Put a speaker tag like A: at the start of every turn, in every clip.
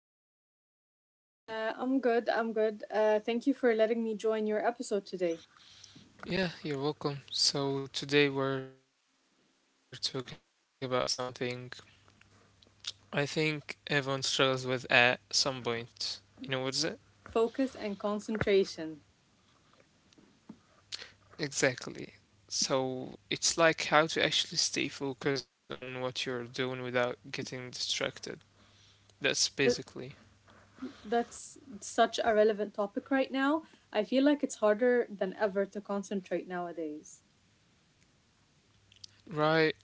A: Nurhan. How are you today?
B: I'm good. Thank you for letting me join your episode today.
A: Yeah, you're welcome. So, today we're talking about something I think everyone struggles with at some point. You know what is it?
B: Focus and concentration.
A: Exactly. So, it's like how to actually stay focused on what you're doing without getting distracted. That's
B: That,
A: basically
B: that's such a relevant topic right now. I feel like it's harder than ever to concentrate nowadays.
A: right.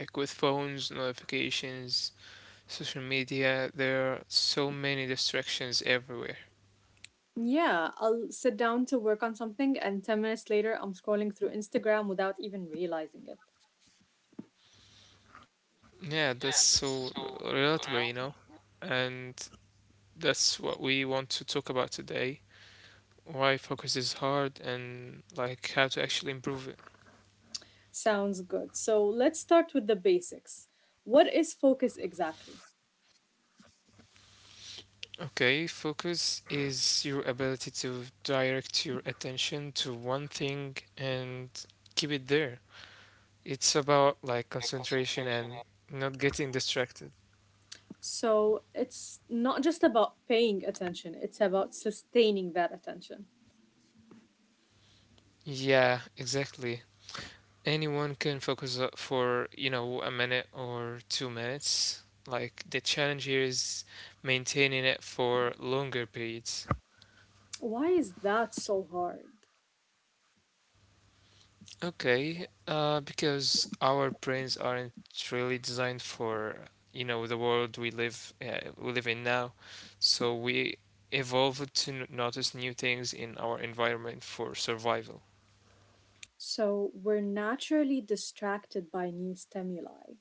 A: Like with phones, notifications, social media, there are so many distractions everywhere.
B: Yeah, I'll sit down to work on something, and 10 minutes later, I'm scrolling through Instagram without even realizing it.
A: Yeah, that's so relatable, you know? And that's what we want to talk about today. Why focus is hard and like how to actually improve it.
B: Sounds good. So let's start with the basics. What is focus exactly?
A: Okay, focus is your ability to direct your attention to one thing and keep it there. It's about like concentration and not getting distracted.
B: So it's not just about paying attention, it's about sustaining that attention.
A: Yeah, exactly. Anyone can focus for you know, a minute or 2 minutes. Like the challenge here is maintaining it for longer periods.
B: Why is that so hard?
A: Okay, because our brains aren't really designed for you know, the world we live in now. So we evolved to notice new things in our environment for survival.
B: So we're naturally distracted by new stimuli.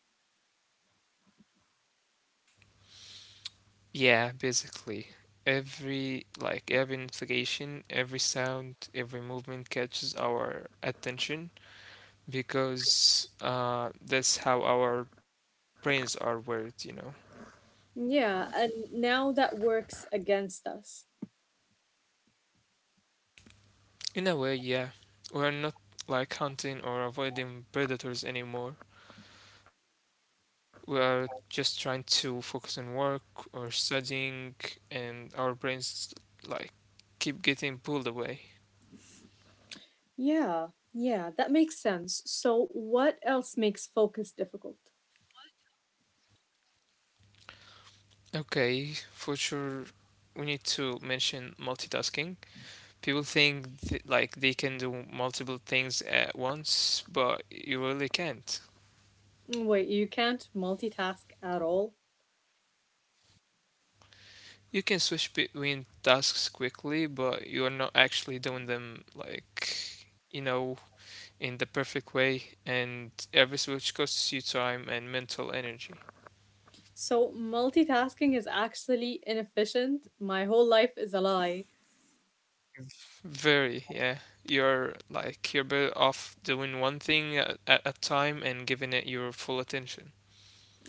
A: Yeah, basically. Every notification, every sound, every movement catches our attention because that's how our brains are wired, you know.
B: Yeah, and now that works against us.
A: In a way, yeah. We're not like hunting or avoiding predators anymore. We are just trying to focus on work or studying, and our brains like keep getting pulled away.
B: Yeah, yeah, that makes sense. So what else makes focus difficult?
A: Okay, for sure, we need to mention multitasking. People think th like they can do multiple things at once, but you really can't.
B: Wait, you can't multitask at all?
A: You can switch between tasks quickly, but you are not actually doing them, like, you know, in the perfect way, and every switch costs you time and mental energy.
B: So multitasking is actually inefficient. My whole life is a lie.
A: Very, yeah. You're better off doing one thing at a time and giving it your full attention.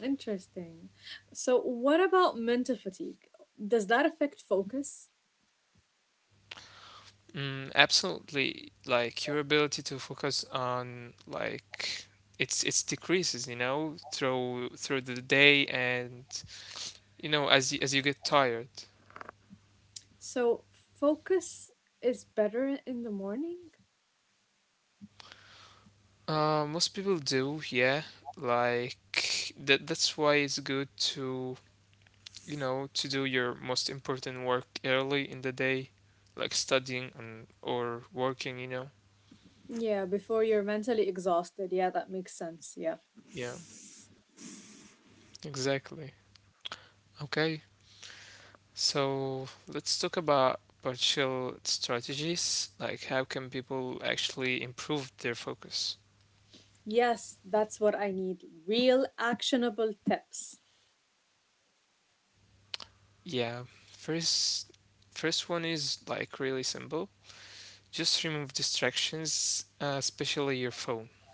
B: Interesting. So, what about mental fatigue? Does that affect focus?
A: Mm, absolutely. Like your ability to focus on like it's decreases, you know, through the day and you know, as you get tired.
B: So, focus is better in the morning?
A: Most people do, yeah. Like that's why it's good to you know, to do your most important work early in the day, like studying and or working, you know.
B: Yeah, before you're mentally exhausted. Yeah, that makes sense. Yeah.
A: Yeah, exactly. Okay. So let's talk about partial strategies, like how can people actually improve their focus?
B: Yes, that's what I need. Real actionable tips.
A: Yeah, first first one is like really simple. Just remove distractions, especially your phone.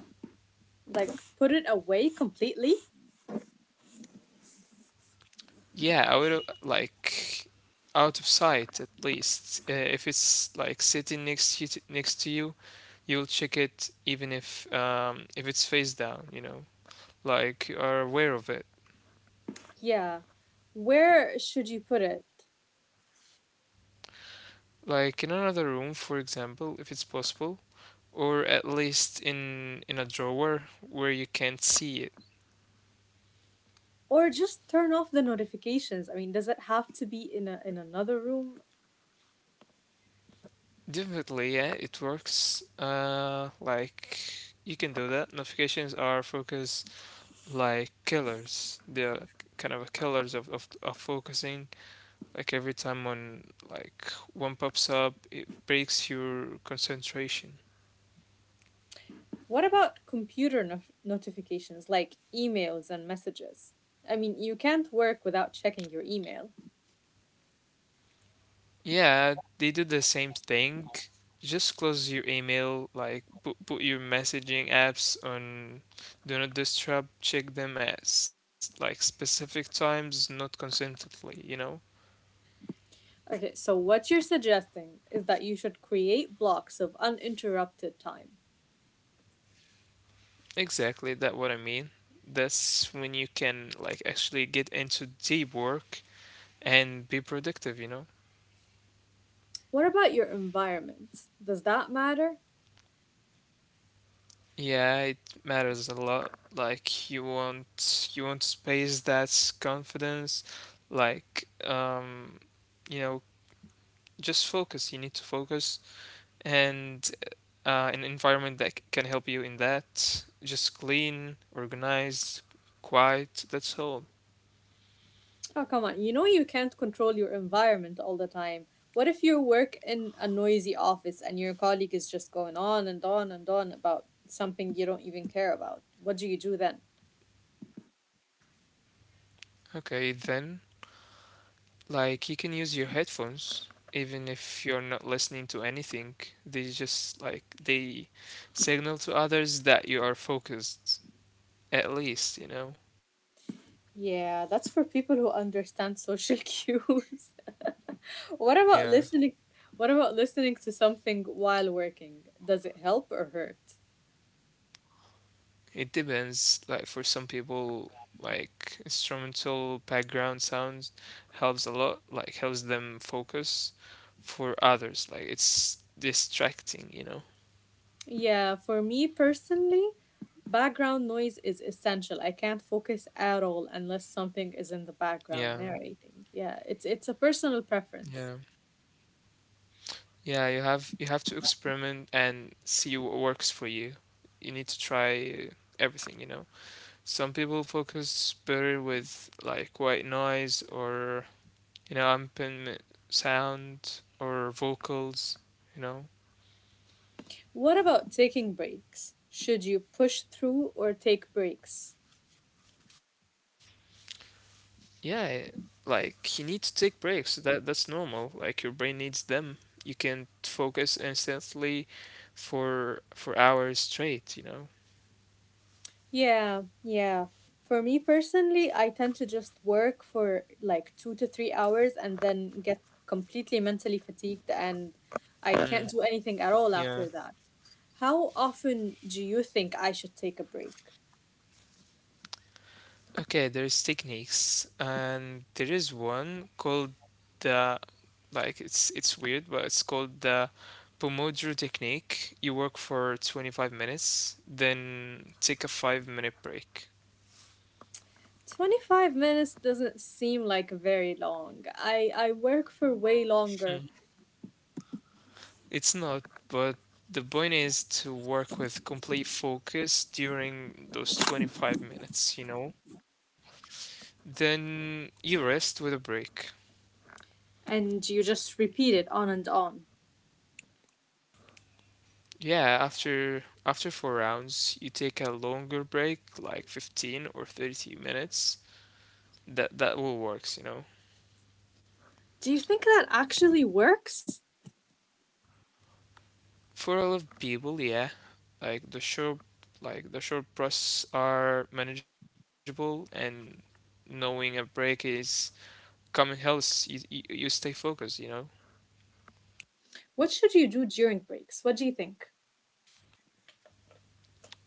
B: Like, put it away completely?
A: Yeah, I would like out of sight at least. If it's like sitting next to you, you'll check it even if it's face down, you know, like you are aware of it.
B: Yeah. Where should you put it?
A: Like in another room, for example, if it's possible, or at least in a drawer where you can't see it.
B: Or just turn off the notifications. I mean, does it have to be in another room?
A: Definitely, yeah, it works. Like you can do that. Notifications are focus like killers. They're kind of a killers of, of focusing. Like every time like one pops up, it breaks your concentration.
B: What about computer notifications like emails and messages? I mean, you can't work without checking your email.
A: Yeah, they do the same thing. Just close your email, like put your messaging apps on do not disturb, check them at like specific times, not consistently, you know?
B: Okay, so what you're suggesting is that you should create blocks of uninterrupted time.
A: Exactly, that what I mean. That's when you can like actually get into deep work and be productive, you know?
B: What about your environment? Does that matter?
A: Yeah, it matters a lot. Like you want space that's confidence, like you know, just focus. You need to focus, and an environment that can help you in that. Just clean, organized, quiet. That's all.
B: Oh, come on. You know you can't control your environment all the time. What if you work in a noisy office and your colleague is just going on and on and on about something you don't even care about? What do you do then?
A: Okay, then, like, you can use your headphones even if you're not listening to anything. They just, like, they signal to others that you are focused, at least, you know?
B: Yeah, that's for people who understand social cues. What
A: Yeah.
B: about listening? What about listening to something while working? Does it help or hurt?
A: It depends. Like for some people, like instrumental background sounds helps a lot, like helps them focus. For others, like it's distracting, you know.
B: Yeah, for me personally, background noise is essential. I can't focus at all unless something is in the background
A: Yeah,
B: narrating. Yeah, it's a personal preference.
A: yeah. Yeah, you have to experiment and see what works for you. You need to try everything, you know. Some people focus better with like white noise or you know, ambient sound or vocals, you know.
B: What about taking breaks? Should you push through or take breaks?
A: Yeah, eh, like you need to take breaks. That's normal. Like your brain needs them. You can't focus instantly for hours straight, you know.
B: Yeah, yeah. For me personally, I tend to just work for like 2 to 3 hours and then get completely mentally fatigued and I
A: Mm,
B: can't do anything at all
A: yeah.
B: after that. How often do you think I should take a break?
A: Okay, there's techniques and there is one called the like it's weird, but it's called the Pomodoro technique. You work for 25 minutes, then take a 5-minute break.
B: 25 minutes doesn't seem like very long. I work for way longer
A: It's not, but the point is to work with complete focus during those 25 minutes, you know? Then you rest with a break.
B: and you just repeat it on and on.
A: Yeah, after four rounds, you take a longer break, like 15 or 30 minutes. That will works, you know.
B: Do you think that actually works?
A: For a lot of people, yeah, like the short breaths are manageable, and knowing a break is coming helps you, you stay focused, you know?
B: What should you do during breaks? What do you think?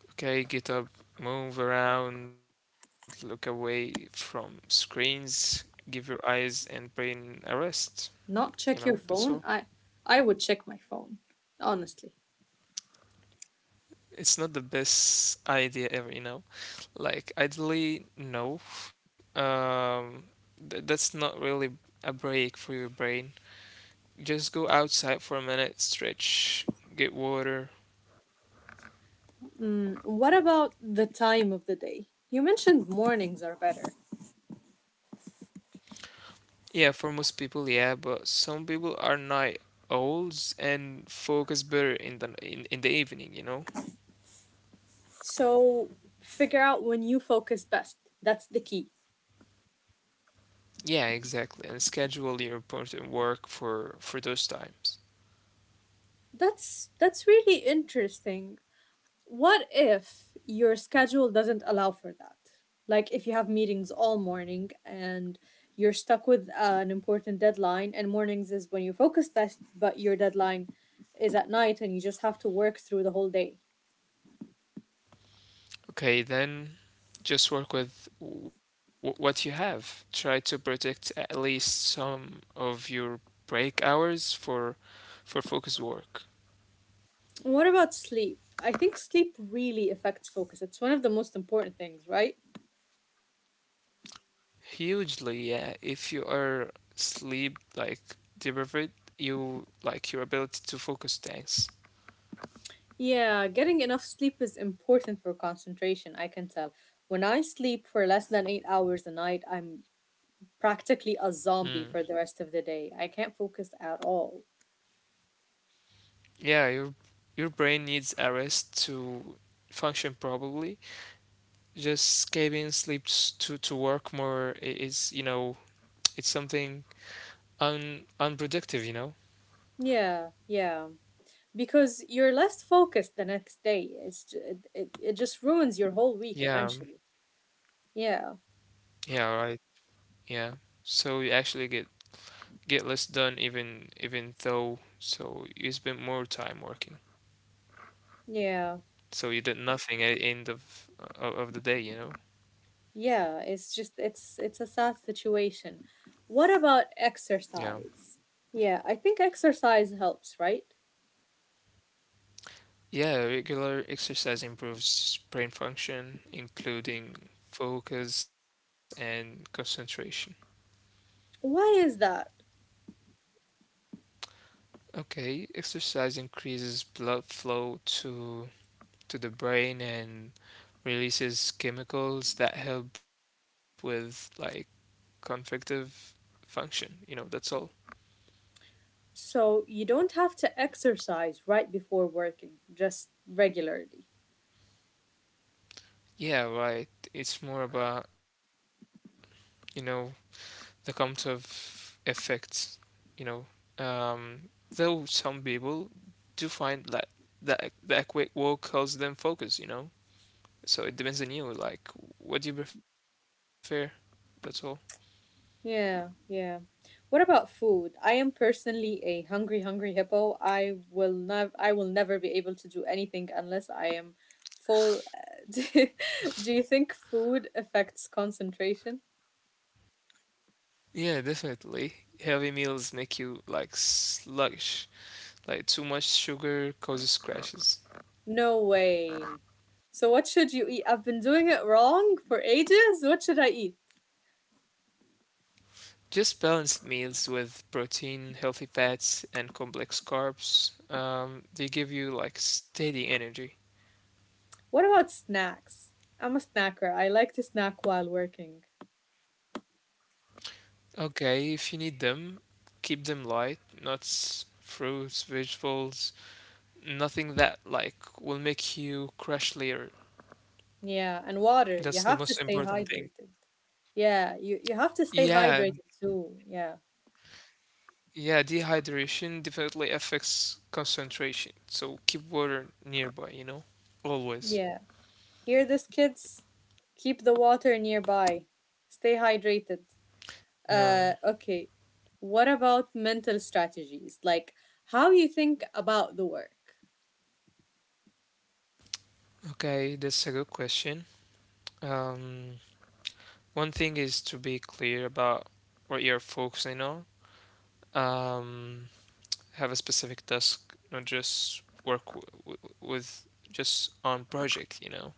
A: Okay, get up, move around, look away from screens, give your eyes and brain a rest. You know,
B: Not
A: that's all.
B: check your phone? I would check my phone, honestly.
A: It's not the best idea ever, you know? Like, ideally, no. Um, that's not really a break for your brain. Just go outside for a minute, stretch, get water.
B: Mm, what about the time of the day? You mentioned mornings are better.
A: Yeah, for most people, yeah, but some people are night owls and focus better in the in the evening, you know?
B: So figure out when you focus best. That's the key.
A: Yeah, exactly. And schedule your important work for those times.
B: That's really interesting. What if your schedule doesn't allow for that? Like if you have meetings all morning and you're stuck with an important deadline and mornings is when you focus best, but your deadline is at night and you just have to work through the whole day.
A: Okay, then just work with what you have. Try to protect at least some of your break hours for focused work.
B: What about sleep? I think sleep really affects focus. It's one of the most important things, right?
A: Hugely, yeah. If you are sleep like deprived, you like your ability to focus tanks.
B: Yeah, getting enough sleep is important for concentration, I can tell. When I sleep for less than 8 hours a night, I'm practically a zombie
A: Mm.
B: for the rest of the day. I can't focus at all.
A: Yeah, your brain needs a rest to function properly. Just getting sleep to work more is, you know, it's something un unproductive, you know.
B: Yeah, yeah. Because you're less focused the next day. It's ju- it just ruins your whole week
A: Yeah.
B: eventually. Yeah,
A: Yeah, right. Yeah, so you actually get less done, even though so you spend more time working,
B: yeah.
A: so you did nothing at the end of of the day, you know.
B: Yeah, it's just it's a sad situation. What about
A: Yeah.
B: exercise? Yeah, I think exercise helps, right?
A: Yeah, regular exercise improves brain function, including focus and concentration.
B: Why is that?
A: Okay, exercise increases blood flow to the brain and releases chemicals that help with like cognitive function. You know, that's all.
B: So you don't have to exercise right before working, just regularly.
A: Yeah, right. It's more about, you know, the count of effects, you know. Um, though some people do find that that quick walk helps them focus, you know. So it depends on you, like what do you prefer? That's all.
B: Yeah, yeah. What about food? I am personally a hungry, hungry hippo. I will never be able to do anything unless I am full. Do you think food affects concentration?
A: Yeah, definitely. Heavy meals make you like sluggish. Like too much sugar causes crashes.
B: No way. So what should you eat? I've been doing it wrong for ages. What should I eat?
A: Just balanced meals with protein, healthy fats, and complex carbs. They give you like steady energy.
B: What about snacks? I'm a snacker. I like to snack while working.
A: Okay, if you need them, keep them light. Nuts, fruits, vegetables, nothing that like will make you crash later.
B: Yeah, and water. You
A: That's the
B: have to
A: most
B: stay
A: important thing.
B: hydrated. Yeah, you have to stay
A: Yeah,
B: hydrated too. Yeah.
A: yeah, dehydration definitely affects concentration. So keep water nearby, you know? Always.
B: Yeah. Hear this, kids? Keep the water nearby. Stay hydrated.
A: Yeah.
B: Okay. What about mental strategies? Like how you think about the work?
A: Okay, that's a good question. Um, one thing is to be clear about what you're focusing on. Um, have a specific task, not just work w w with just on project, you know?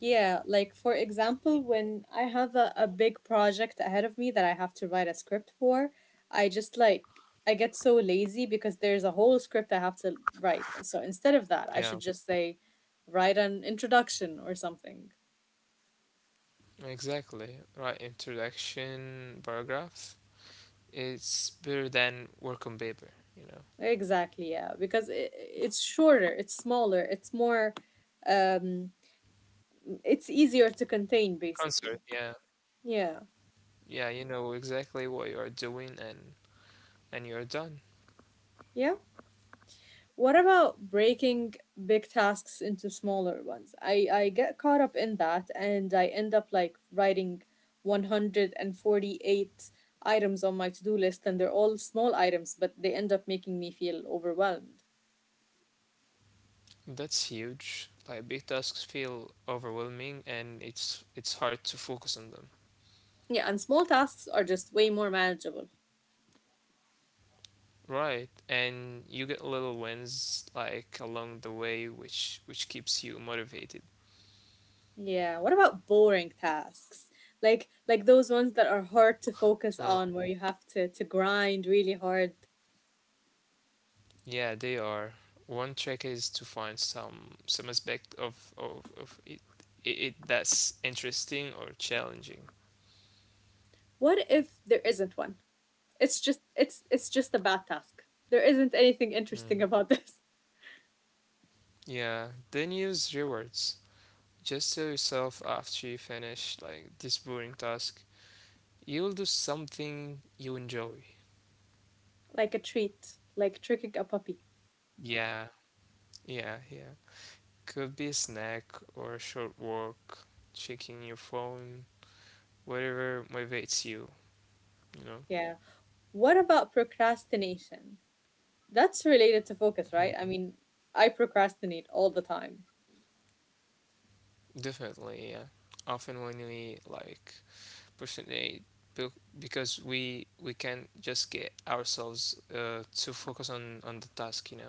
B: Yeah, like for example, when I have a big project ahead of me that I have to write a script for, I just I get so lazy because there's a whole script I have to write. So instead of that, I
A: Yeah,
B: should just say write an introduction or something.
A: exactly. Right, introduction paragraph. It's better than work on paper, you know.
B: Exactly, yeah, because it's shorter, it's smaller, it's more um it's easier to contain basically.
A: Concert, yeah.
B: Yeah.
A: Yeah, you know exactly what you are doing, and you're done.
B: Yeah. What about breaking big tasks into smaller ones? I get caught up in that and I end up like writing 148 items on my to do list, and they're all small items, but they end up making me feel overwhelmed.
A: That's huge. Like big tasks feel overwhelming and it's hard to focus on them.
B: Yeah, and small tasks are just way more manageable.
A: Right. And you get little wins like along the way, which keeps you motivated.
B: Yeah, what about boring tasks? Like those ones that are hard to
A: Uh,
B: focus on where you have to grind really hard.
A: yeah, they are. One trick is to find some aspect of of it, it that's interesting or challenging.
B: What if there isn't one? It's just it's just a bad task. There isn't anything interesting
A: Hmm.
B: about this.
A: Yeah, then use rewards. Just tell yourself after you finish like this boring task, you'll do something you enjoy.
B: Like a treat, like tricking a puppy.
A: Yeah, yeah, yeah. Could be a snack or a short walk, checking your phone, whatever motivates you, you know?
B: Yeah. What about procrastination? That's related to focus, right? I
A: Mhm.
B: mean, I procrastinate all the time.
A: Definitely, yeah. Often when we like procrastinate be- because we can't just get ourselves to focus on the task, you know?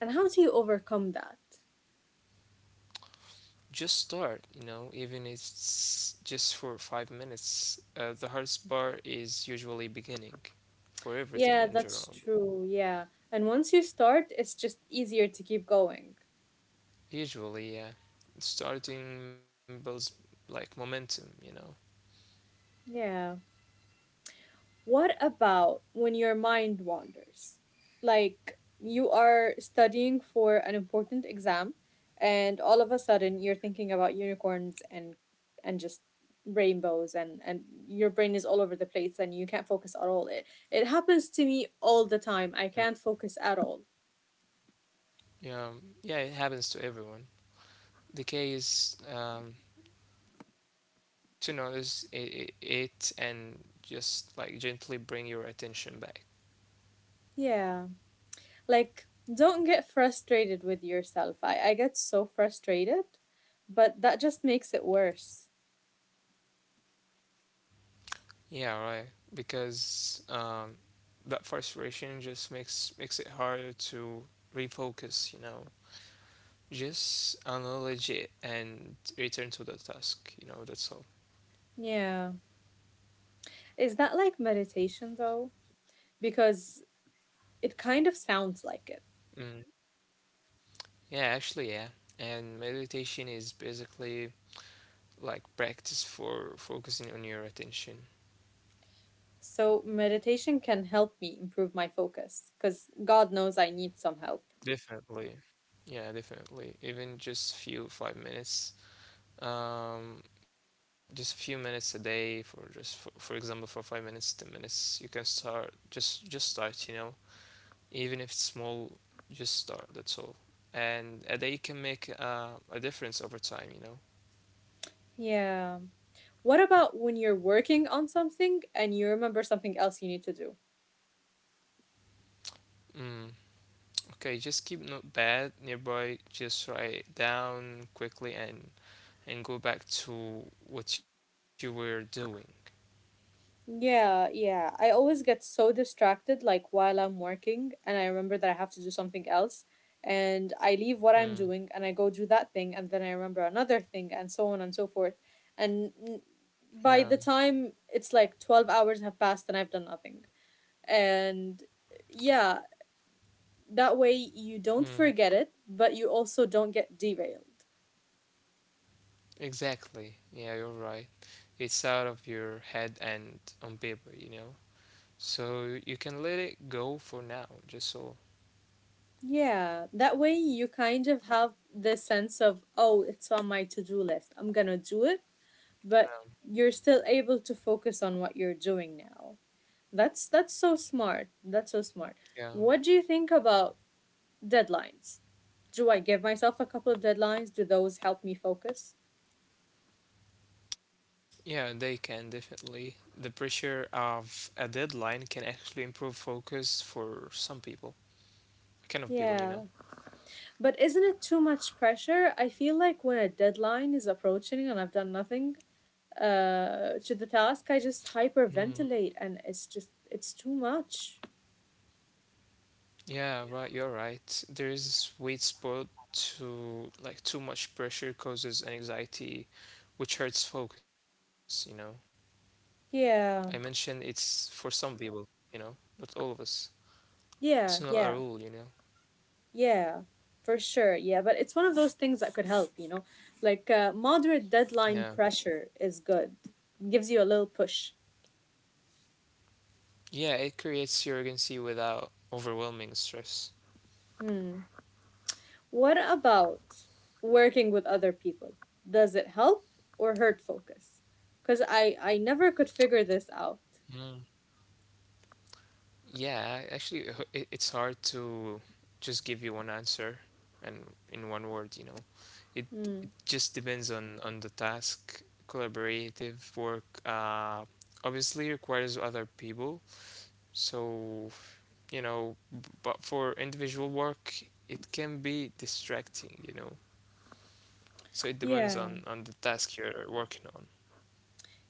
B: And how do you overcome that?
A: Just start, you know, even if it's just for 5 minutes. Uh, the hardest part is usually beginning, for
B: Yeah,
A: everything in
B: that's
A: general.
B: true. Yeah. And once you start, it's just easier to keep going.
A: Usually, yeah. Starting builds like momentum, you know.
B: Yeah. What about when your mind wanders? Like you are studying for an important exam and all of a sudden you're thinking about unicorns and just rainbows and your brain is all over the place and you can't focus at all. It happens to me all the time. I can't
A: Mm.
B: focus at all.
A: Yeah, yeah, it happens to everyone. The case, to notice it and just like gently bring your attention back.
B: Yeah. Like don't get frustrated with yourself. I get so frustrated, but that just makes it worse.
A: Yeah, right. Because that frustration just makes it harder to refocus, you know. Just acknowledge it and return to the task, you know, that's all.
B: Yeah. Is that like meditation though? Because it kind of sounds like it.
A: Mm. Yeah, actually, yeah. And meditation is basically like practice for focusing on your attention.
B: So meditation can help me improve my focus because God knows I need some help.
A: Definitely. Yeah, definitely. Even just few 5 minutes, um, just a few minutes a day, for just for example, for 5 minutes, 10 minutes, you can start, just start, you know. Even if it's small, just start, that's all. And a day can make a difference over time, you know.
B: Yeah. What about when you're working on something and you remember something else you need to do?
A: Mm. Okay, just keep notepad nearby, just write down quickly and go back to what you were doing.
B: Yeah, yeah. I always get so distracted like while I'm working and I remember that I have to do something else and I leave what I'm
A: Mm.
B: doing and I go do that thing and then I remember another thing and so on and so forth. And
A: Yeah.
B: by the time it's like 12 hours have passed and I've done nothing. And yeah, that way you don't
A: Mm.
B: forget it but you also don't get derailed.
A: Exactly. Yeah, you're right. It's out of your head and on paper, you know. So you can let it go for now, just so.
B: Yeah, that way you kind of have the sense of, oh, it's on my to-do list, I'm gonna do it, but
A: Yeah.
B: you're still able to focus on what you're doing now. That's so smart, that's so smart.
A: Yeah.
B: What do you think about deadlines? Do I give myself a couple of deadlines, do those help me focus?
A: Yeah, they can definitely. The pressure of a deadline can actually improve focus for some people, kind of people, you know.
B: Yeah. But isn't it too much pressure? I feel like when a deadline is approaching and I've done nothing to the task, I just
A: Mm.
B: hyperventilate and it's just, it's too much.
A: Yeah, right, you're right. There is a sweet spot to like too much pressure causes anxiety, which hurts focus, you know. I mentioned
B: Yeah,
A: it's for some people, you know, not all of us. It's not a
B: yeah,
A: rule, you
B: yeah,
A: know.
B: yeah, for sure. Yeah, but it's one of those things that could help, you know? Like moderate deadline
A: Yeah.
B: pressure is good, gives you a little push.
A: Yeah, it creates urgency without overwhelming stress.
B: Hmm. What about working with other people? Does it help or hurt focus? Because I never could figure this out.
A: Mm. Yeah, actually, it's hard to just give you one answer and in one word, you know. It
B: Mm.
A: just depends on the task. Collaborative work obviously requires other people. So, you know, but for individual work, it can be distracting, you know. So it depends
B: Yeah,
A: on the task you're working on.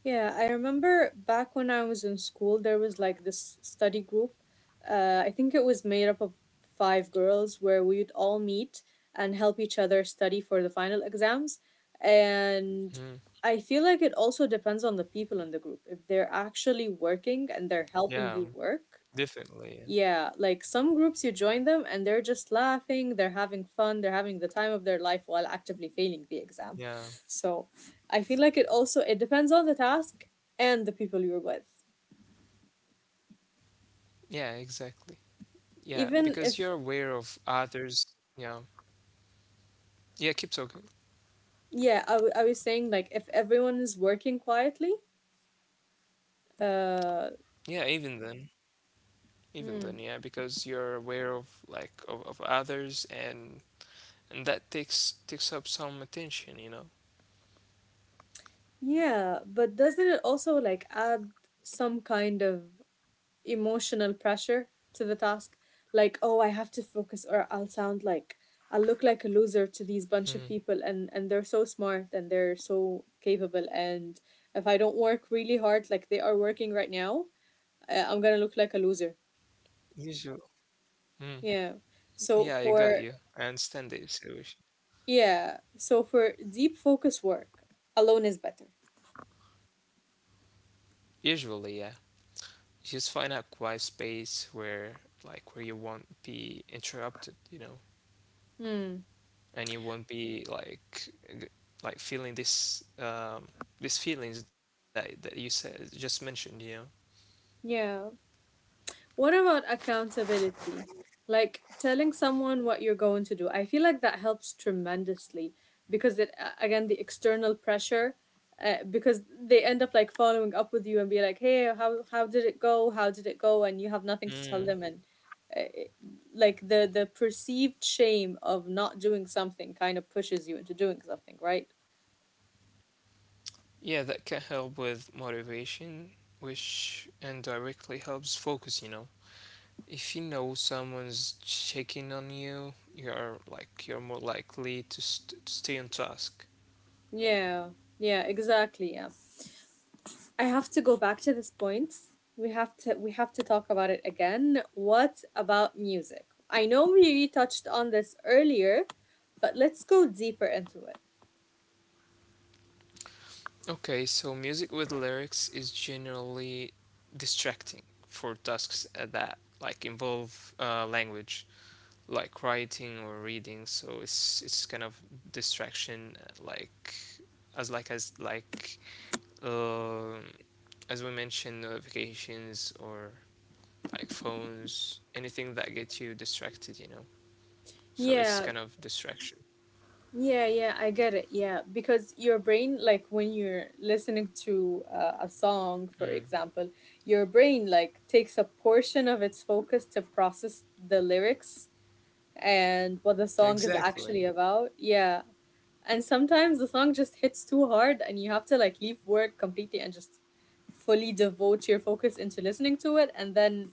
B: yeah. I remember back when I was in school, there was like this study group. I think it was made up of five girls where we'd all meet and help each other study for the final exams. And
A: Mhm.
B: I feel like it also depends on the people in the group. If they're actually working and
A: Yeah,
B: they're helping you work,
A: definitely.
B: yeah, like some groups you join them and they're just laughing, they're having fun, they're having the time of their life while actively failing the exam.
A: Yeah.
B: So, I feel like it depends on the task and the people you're with.
A: Yeah, exactly. Yeah, because you're
B: Even if
A: aware of others. Yeah. Yeah, keep talking.
B: yeah, I was saying like if everyone is working quietly, uh
A: Yeah, even then. Even
B: hmm,
A: then, yeah, because you're aware of like of others, and that takes up some attention, you know.
B: yeah, but doesn't it also like add some kind of emotional pressure to the task. Like, oh, I have to focus or I'll look like a loser to these
A: Mm.
B: bunch of people and they're so smart and they're so capable and if I don't work really hard like they are working right now, I'm going to look like a loser.
A: Usually. Mm.
B: Yeah.
A: Yeah, I
B: So
A: got you.
B: for
A: I understand the situation.
B: yeah, so for deep focus work, alone is better.
A: Usually, yeah. Just find a quiet space where where you won't be interrupted, you know,
B: Hmm.
A: and you won't be like g- like feeling this these feelings that you said just mentioned, you know.
B: Yeah. What about accountability? Like telling someone what you're going to do. I feel like that helps tremendously because again the external pressure because they end up like following up with you and be like, "Hey, how did it go? "How did it go?" and you have nothing to tell
A: Mm.
B: them and uh, it- like the perceived shame of not doing something kind of pushes you into doing something, right?
A: Yeah, that can help with motivation, which indirectly helps focus, you know. If you know someone's checking on you, you're more likely to, to stay on task.
B: Yeah. Yeah, exactly. Yeah. I have to go back to this point. We have to talk about it again. What about music? I know we touched on this earlier, but let's go deeper into it.
A: Okay, so music with lyrics is generally distracting for tasks that involve language, like writing or reading. So it's kind of distraction, as like as like um as we mentioned, notifications or like phones, anything that gets you distracted, you know. So
B: Yeah,
A: it's kind of distraction.
B: yeah, yeah, I get it. Yeah, because your brain, like when you're listening to a song, for
A: Mm.
B: example, your brain like takes a portion of its focus to process the lyrics and what the song is actually
A: Exactly.
B: about. Yeah. And sometimes the song just hits too hard and you have to like leave work completely and just fully devote your focus into listening to it. And then,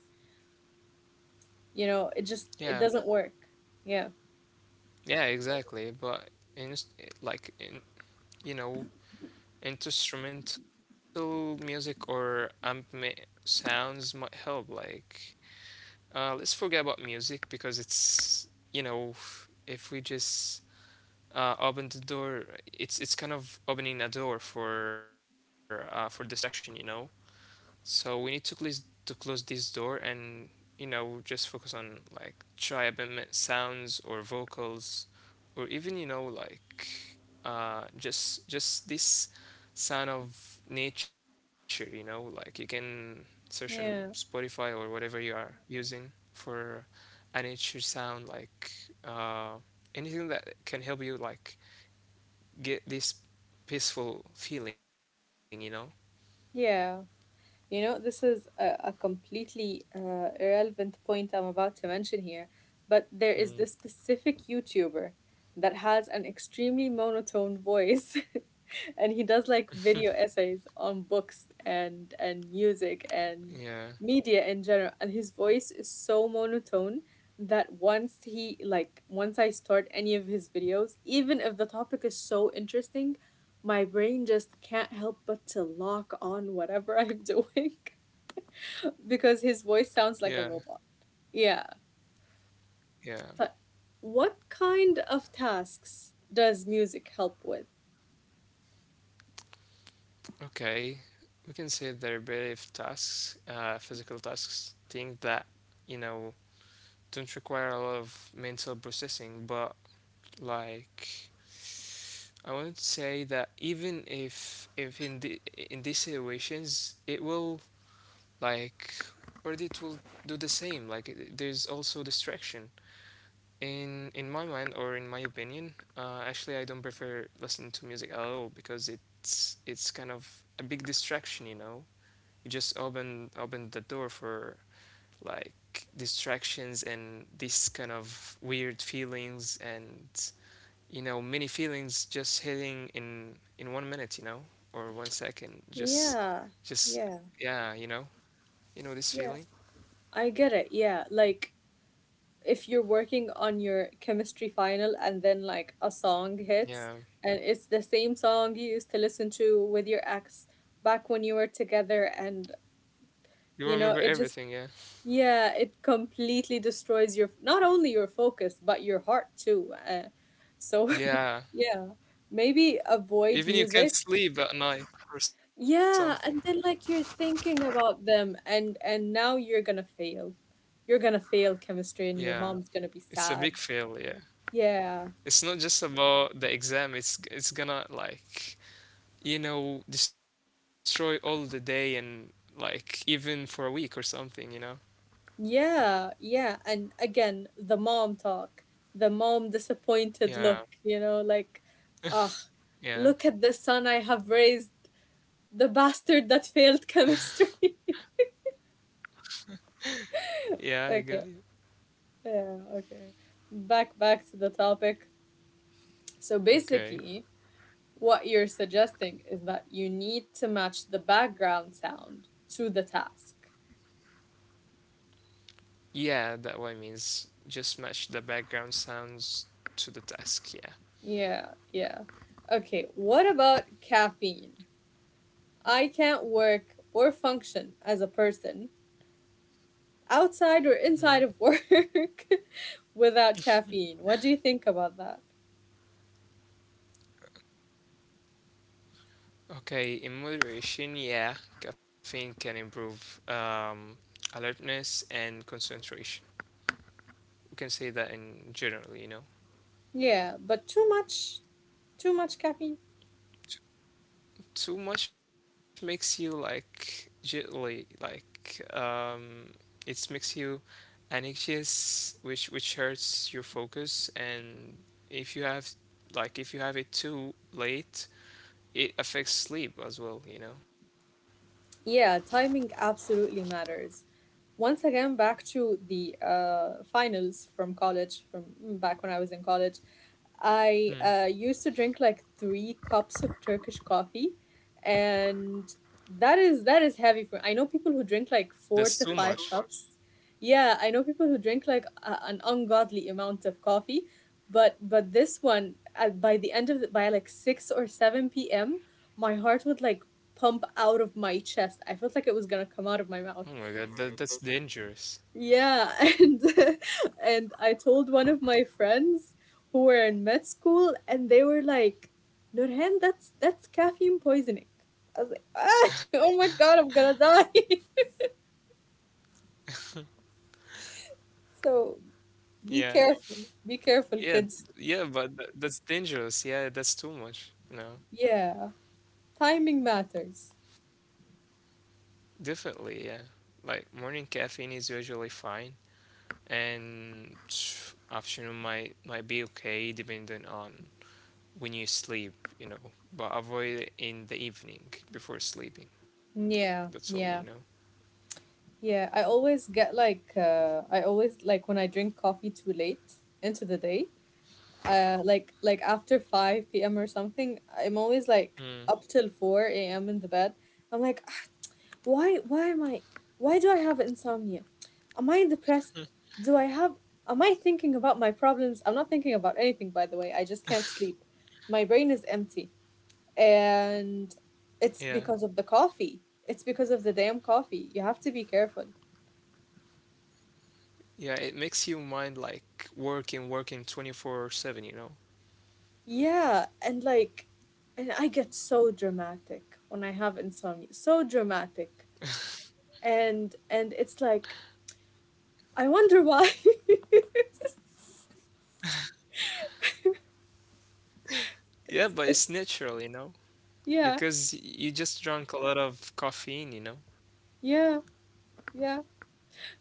B: it
A: Yeah.
B: doesn't work. Yeah.
A: Yeah, exactly. But in like in you know, instrumental music or sounds might help. Like, let's forget about music because it's, you know, if we just open the door. It's kind of opening a door for for distraction, you know. So we need to close this door and, you know, just focus on like triabement sounds or vocals, or even, you know, like just this sound of nature. You know, like you can search on
B: Yeah.
A: Spotify or whatever you are using for a nature sound, like uh anything that can help you like get this peaceful feeling, you know.
B: Yeah. You know, this is a completely irrelevant point I'm about to mention here, but there
A: Mm.
B: is this specific YouTuber that has an extremely monotone voice. And he does like video essays on books and music and
A: Yeah,
B: media in general, and his voice is so monotone that once he like once I start any of his videos, even if the topic is so interesting, my brain just can't help but to lock on whatever I'm doing because his voice sounds
A: yeah,
B: like a robot. Yeah.
A: yeah.
B: But what kind of tasks does music help with?
A: Okay, we can say there are repetitive tasks, physical tasks, things that, you know, don't require a lot of mental processing, but like I wouldn't say that even if in these situations it will, like, or it will do the same. Like there's also distraction. In my mind or in my opinion, actually I don't prefer listening to music at all because it's kind of a big distraction, you know. You just open the door for like distractions and these kind of weird feelings, and you know, many feelings just hitting in 1 minute, you know, or 1 second, just
B: Yeah.
A: just
B: Yeah.
A: yeah. You know, you know this
B: Yeah.
A: feeling.
B: I get it. Yeah. Like if you're working on your chemistry final and then like a song hits,
A: Yeah,
B: and it's the same song you used to listen to with your ex back when you were together and
A: you remember
B: you know
A: everything.
B: it
A: Yeah.
B: just Yeah, it completely destroys your not only your focus but your heart too. So
A: Yeah,
B: yeah, maybe avoid
A: even you can't
B: music.
A: sleep at night or something.
B: Yeah, and then like you're thinking about them, and now you're gonna fail. You're gonna fail chemistry, and your
A: Yeah,
B: mom's gonna be
A: it's a big
B: sad.
A: fail. Yeah,
B: Yeah.
A: it's not just about the exam. It's gonna like, you know, destroy all the day, and like even for a week or something, you know?
B: Yeah, yeah. And again, the mom talk, the mom disappointed
A: Yeah,
B: look, you know, like ah,
A: yeah,
B: look at the son I have raised, the bastard that failed chemistry.
A: yeah, I got you.
B: Okay. Yeah, okay. Back to the topic. So
A: Okay.
B: basically, what you're suggesting is that you need to match the background sound to the task.
A: Yeah, that what it means. Just match the background sounds to the task, yeah.
B: Yeah, yeah. Okay, what about caffeine? I can't work or function as a person outside or
A: Mhm.
B: inside of work without caffeine. What do you think about that?
A: Okay, in moderation, yeah, caffeine can improve alertness and concentration. We can say that in general, you know?
B: Yeah, but too much caffeine.
A: Too much makes you like jittery, like it makes you anxious, which hurts your focus. And if you have if you have it too late, it affects sleep as well, you know.
B: Yeah, timing absolutely matters. Once again, back to the finals from college, back when I was in college. I
A: Hmm.
B: used to drink like three cups of Turkish coffee, and that is heavy for. I know people who drink like four to
A: That's too
B: five
A: much.
B: cups. Yeah, I know people who drink like an ungodly amount of coffee, but this one, by the end of the, by like 6 or 7 p.m., my heart would like pump out of my chest. I felt like it was gonna come out of my mouth.
A: Oh my god, that's dangerous.
B: Yeah, and and I told one of my friends who were in med school, and they were like, "Nurhan, that's caffeine poisoning." I was like, "Oh my god, I'm gonna die!" So
A: Yeah.
B: be careful,
A: Yeah.
B: kids.
A: Yeah, but that's dangerous. Yeah, that's too much. No,
B: Yeah, timing matters.
A: definitely. Yeah, like morning caffeine is usually fine, and afternoon might be okay depending on when you sleep, you know, but avoid it in the evening before sleeping. That's all, you
B: Yeah,
A: know.
B: yeah, yeah. I always like when I drink coffee too late into the day. Like after 5 p.m. or something, I'm always like
A: Mm,
B: up till 4 a.m. in the bed. I'm like, "Ah, why why am I why do I have insomnia? Am I depressed? Do I have am I thinking about my problems? I'm not thinking about anything, by the way. I just can't sleep. My brain is empty, and it's
A: yeah.
B: because of the coffee. It's because of the damn coffee. You have to be careful.
A: Yeah, it makes you mind like working, working 24/7, you know.
B: Yeah, and and I get so dramatic when I have insomnia. So dramatic. And it's like I wonder why. it's,
A: Yeah, but it's
B: it's,
A: natural, you know,
B: yeah,
A: because you just drank a lot of caffeine, you know.
B: yeah, yeah.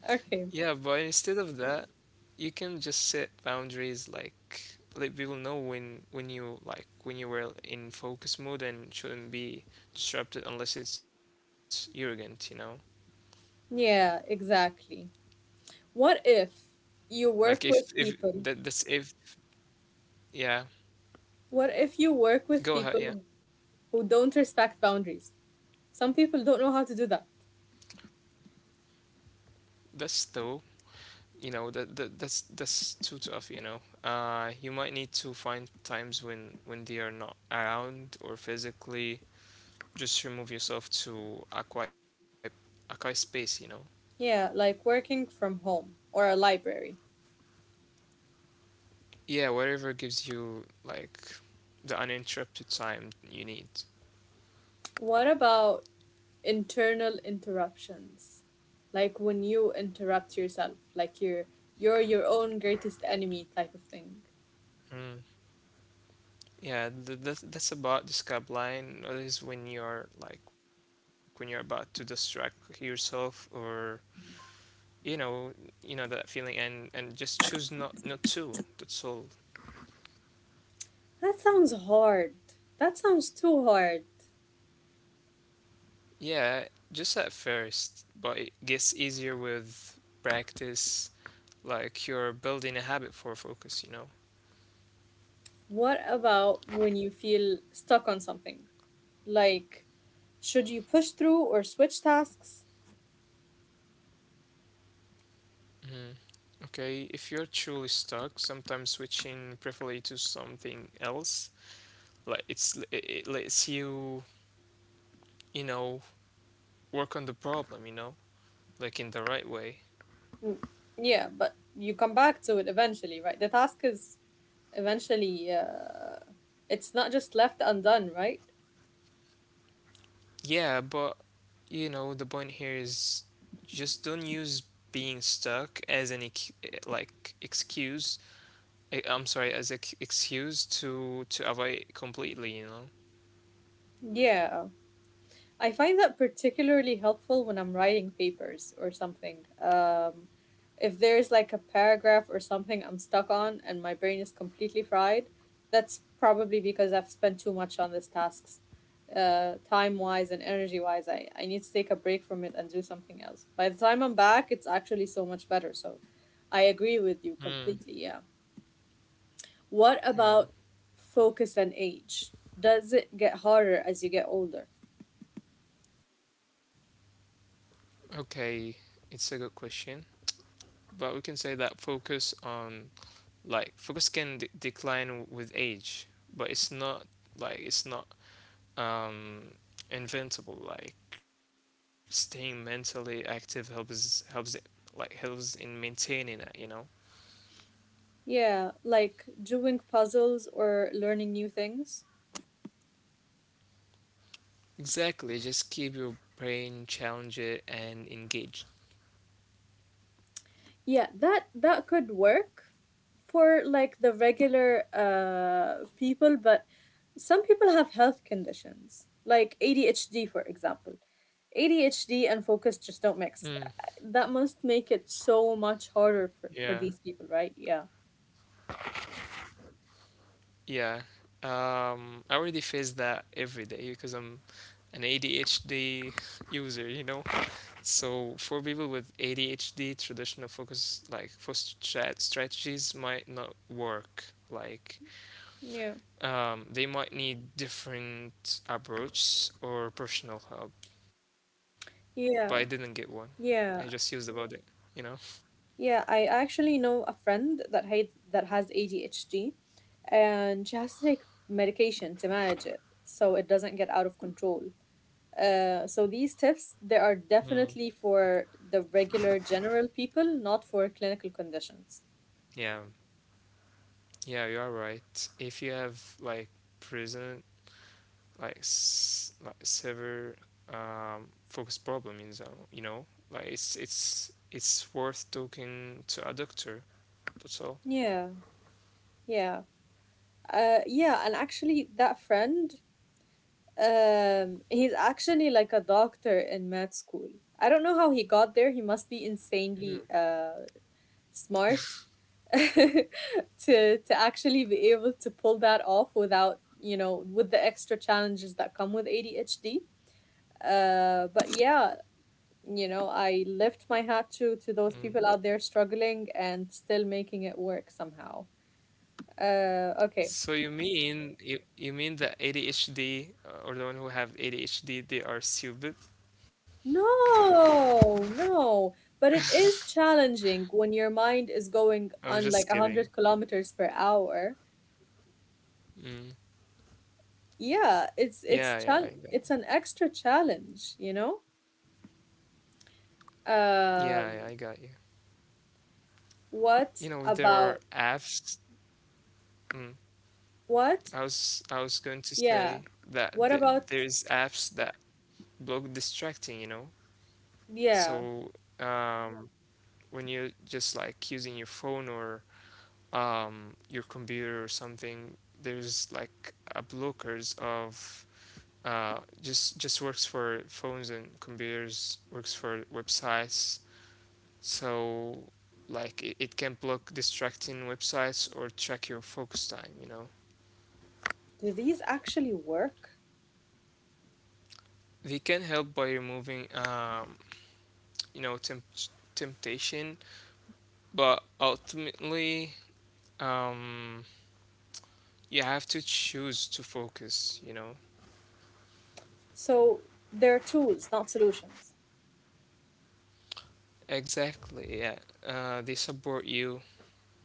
B: Okay.
A: Yeah, but instead of that, you can just set boundaries, like let people know when you like when you were in focus mode and shouldn't be disrupted unless it's urgent, you know?
B: Yeah, exactly. What if you
A: Like
B: work
A: if
B: with
A: if
B: people?
A: that's if, yeah,
B: What if you work with
A: go ahead, yeah.
B: people who don't respect boundaries? Some people don't know how to do that.
A: That's though, you know, that's too tough, you know. You might need to find times when they are not around, or physically just remove yourself to a quiet space, you know.
B: Yeah, like working from home or a library.
A: Yeah, whatever gives you like the uninterrupted time you need.
B: What about internal interruptions, like when you interrupt yourself, like you're your own greatest enemy type of thing?
A: Mm. Yeah, that's about the scab line. That is when you're like when you're about to distract yourself, or you know, that feeling, and just choose not to. That's all.
B: that sounds hard that sounds too hard.
A: Yeah, just at first, but it gets easier with practice. Like you're building a habit for focus, you know.
B: What about when you feel stuck on something, like should you push through or switch tasks?
A: Okay, if you're truly stuck, sometimes switching briefly to something else, like it lets you, you know, work on the problem, you know, like in the right way.
B: Mm, yeah, but you come back to it eventually, right? the task is eventually It's not just left undone, right?
A: Yeah, but you know, the point here is just don't use being stuck as like excuse. I'm sorry, as an excuse to avoid completely, you know.
B: Yeah, I find that particularly helpful when I'm writing papers or something. If there's like a paragraph or something I'm stuck on and my brain is completely fried, that's probably because I've spent too much on these tasks. Time wise and energy wise, I need to take a break from it and do something else. By the time I'm back, it's actually so much better. So I agree with you
A: Hmm.
B: completely. Yeah. What
A: Yeah.
B: about focus and age? Does it get harder as you get older?
A: Okay, it's a good question, but we can say that focus on like focus decline with age, but it's not like it's not um invincible. Like staying mentally active helps in maintaining it, you know.
B: Yeah, like doing puzzles or learning new things.
A: Exactly, just keep your brain challenged and engaged.
B: Yeah, that could work for like the regular people, but some people have health conditions, like ADHD, for example. ADHD and focus
A: Mm,
B: just don't mix. That must make it so much
A: yeah.
B: harder for these people, right? Yeah.
A: Yeah, I already face that every day because I'm an ADHD user, you know. So for people with ADHD, traditional focus strategies might not work. Like
B: Yeah.
A: they might need different approach or personal help. But I didn't get
B: Yeah.
A: one. I just used
B: Yeah.
A: about it, you know.
B: Yeah, I actually know a friend that has ADHD, and she has to take medication to manage it so it doesn't get out of control. So these tips, they are
A: Mm.
B: definitely for the regular general people, not for clinical conditions.
A: Yeah, yeah, you are right. If you have present, severe focus problem, you know, like it's worth talking to a doctor. That's all.
B: Yeah, yeah, yeah, and actually that friend, he's actually like a doctor in med school. I don't know how he got there. He must be
A: Mm,
B: insanely smart to actually be able to pull that off without with the extra challenges that come with ADHD. But yeah, I lift my hat to those people
A: mm.
B: out there struggling and still making it work somehow. Okay.
A: So you mean the ADHD, or the one who have ADHD, they are stupid?
B: No, no, but it is challenging when your mind is going
A: I'm
B: on
A: just
B: like
A: kidding.
B: 100 kilometers per hour.
A: Mm.
B: Yeah, it's it's
A: Yeah, yeah, I
B: chal
A: got.
B: it's an extra challenge, you know?
A: Yeah, yeah, I got you.
B: Um
A: You know,
B: What
A: there are
B: about
A: apps. Mm,
B: what?
A: I was going to
B: Yeah.
A: say that
B: What
A: th
B: about
A: there's apps that block distracting, you know.
B: yeah?
A: So, um, when you're just like using your phone or your computer or something, there's like a blockers of, just works for phones and computers, works for websites. So like it can block distracting websites or track your focus time. You know,
B: Do these actually work?
A: they can help by removing, you know, temptation, but ultimately, um, you have to choose to focus. You know.
B: So they're tools, not solutions.
A: Exactly. Yeah, they support you,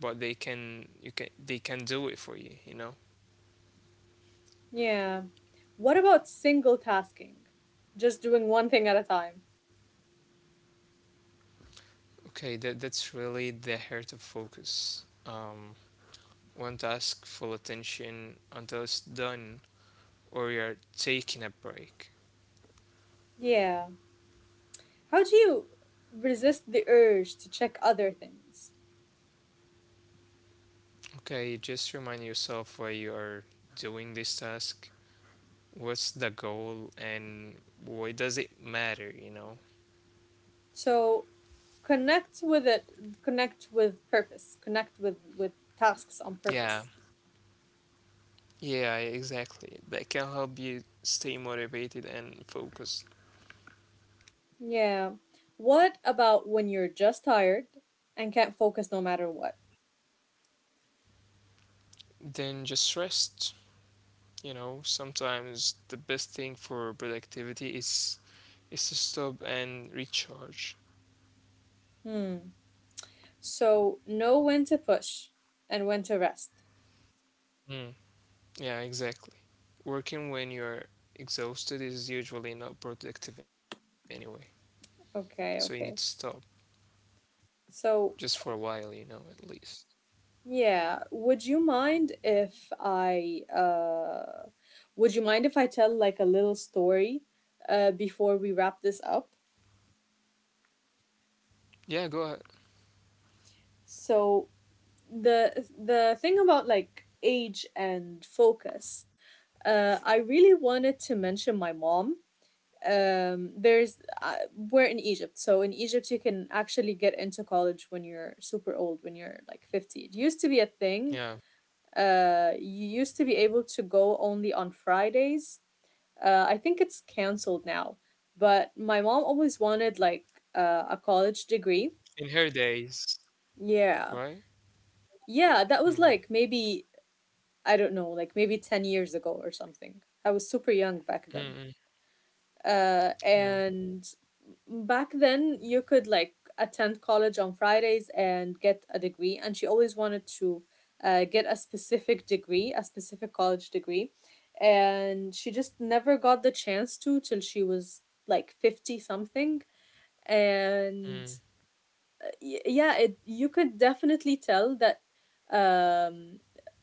A: but they can do it for you. You know.
B: Yeah. What about single tasking? Just doing one thing at a time.
A: Okay, that's really the heart of focus. One task, full attention until it's done or you're taking a break.
B: Yeah. How do you resist the urge to check other things?
A: Okay, just remind yourself why you are doing this task, what's the goal, and why does it matter, you know?
B: So connect with it, connect with purpose, connect with tasks on
A: Yeah,
B: purpose.
A: yeah, exactly. That can help you stay motivated and focused.
B: Yeah. What about when you're just tired and can't focus no matter what?
A: Then just rest. You know, sometimes the best thing for productivity is to stop and recharge.
B: Hmm. So know when to push and when to rest.
A: Mm, yeah, exactly. Working when you're exhausted is usually not productive anyway, so you need to
B: Okay,
A: stop
B: okay.
A: just for a
B: So,
A: while, you know, at least.
B: yeah, would you mind if I tell like a little story before we wrap this up?
A: Yeah, go ahead.
B: So, the thing about like age and focus, I really wanted to mention my mom. There's We're in Egypt, so in Egypt you can actually get into college when you're super old, when you're like 50. It used to be a thing.
A: Yeah,
B: You used to be able to go only on Fridays. I think it's canceled now. But my mom always wanted, like, a college degree.
A: in her days,
B: Yeah,
A: right?
B: yeah, that was
A: Mm,
B: like maybe, I don't know, like maybe 10 years ago or something. I was super young back
A: mm,
B: then.
A: mm, yeah,
B: And back then you could like attend college on Fridays and get a degree, and she always wanted to get a specific college degree, and she just never got the chance to, till she was like 50 something. And
A: mm,
B: yeah, it you could definitely tell that, um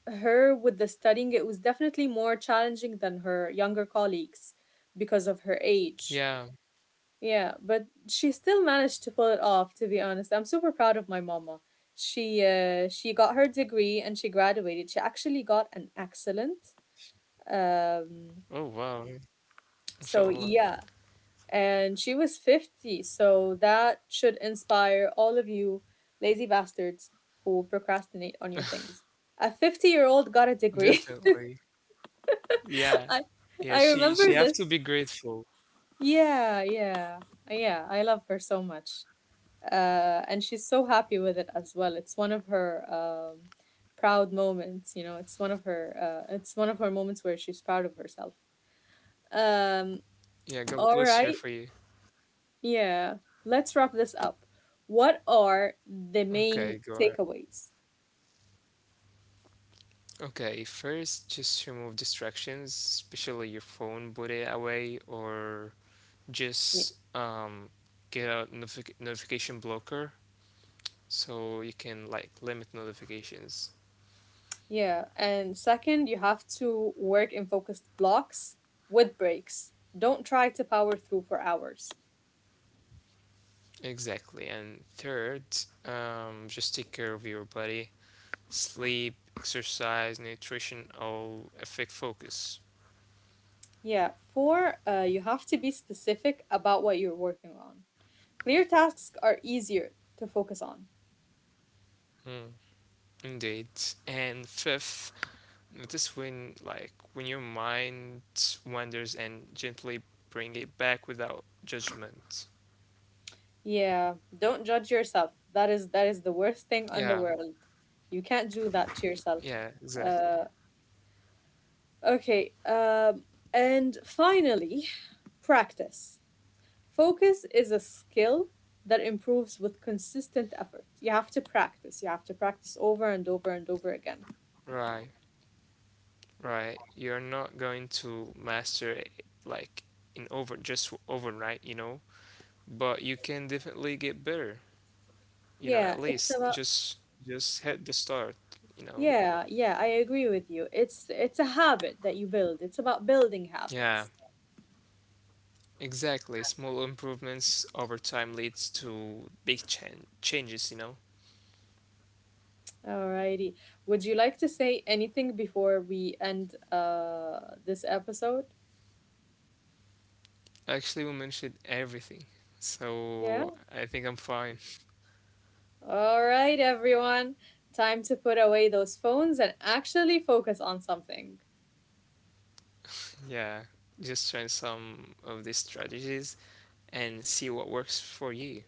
B: her with the studying, it was definitely more challenging than her younger colleagues because of her age.
A: yeah.
B: Yeah, but she still managed to pull it off, to be honest. I'm super proud of my mama. She got her degree, and she graduated. She actually got an excellent. Um,
A: Oh wow,
B: so
A: inshallah,
B: yeah, and she was 50. So that should inspire all of you lazy bastards who procrastinate on your things. A 50-year-old got a degree.
A: definitely. Yeah,
B: I
A: yeah.
B: I
A: She
B: remember
A: she
B: this.
A: have to be grateful.
B: Yeah, yeah. Yeah, I love her so much. And she's so happy with it as well. It's one of her um, proud moments. You know, it's one of her moments where she's proud of herself. Um,
A: Yeah, God
B: all
A: bless her
B: right,
A: for you.
B: yeah. Let's wrap this up. What are the
A: Okay, go
B: main
A: ahead.
B: takeaways?
A: Okay, first, just remove distractions, especially your phone, put it away, or just
B: Ye-
A: get a notification blocker, so you can like limit notifications.
B: Yeah, and second, you have to work in focused blocks with breaks. Don't try to power through for hours.
A: Exactly. And third, just take care of your body. Sleep, exercise, nutrition all affect focus.
B: Yeah, four, you have to be specific about what you're working on. Clear tasks are easier to focus on.
A: Hmm, indeed. And fifth, notice when, like, when your mind wanders, and gently bring it back without judgment.
B: Yeah, don't judge yourself. That is the worst thing in the
A: Yeah,
B: world. You can't do that to yourself.
A: yeah, exactly.
B: Uh, okay. And finally, practice. Focus is a skill that improves with consistent effort. You have to practice. You have to practice over and over and over again.
A: Right, right. You're not going to master it like in over just overnight, you know, but you can definitely get better, you know.
B: Yeah,
A: At
B: it's
A: least
B: about
A: just hit the start, you know.
B: yeah, yeah, I agree with you. It's a habit that you build. It's about building
A: Yeah,
B: habits.
A: exactly. Small improvements over time leads to big changes, you know.
B: Alrighty. Would you like to say anything before we end this episode?
A: Actually, we mentioned everything.
B: Yeah.
A: So I think I'm fine.
B: All right, everyone. Time to put away those phones and actually focus on something.
A: Yeah. Just try some of these strategies and see what works for you.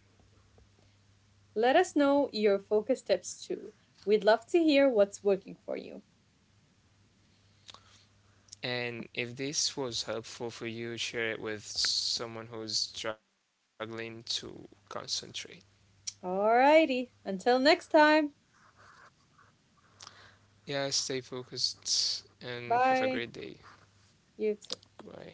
B: Let us know your focus tips too. We'd love to hear what's working for you.
A: And if this was helpful for you, share it with someone who's struggling to concentrate.
B: Alrighty. Until next time.
A: Yeah, stay focused and have a great
B: Bye.
A: day.
B: You too.
A: Bye.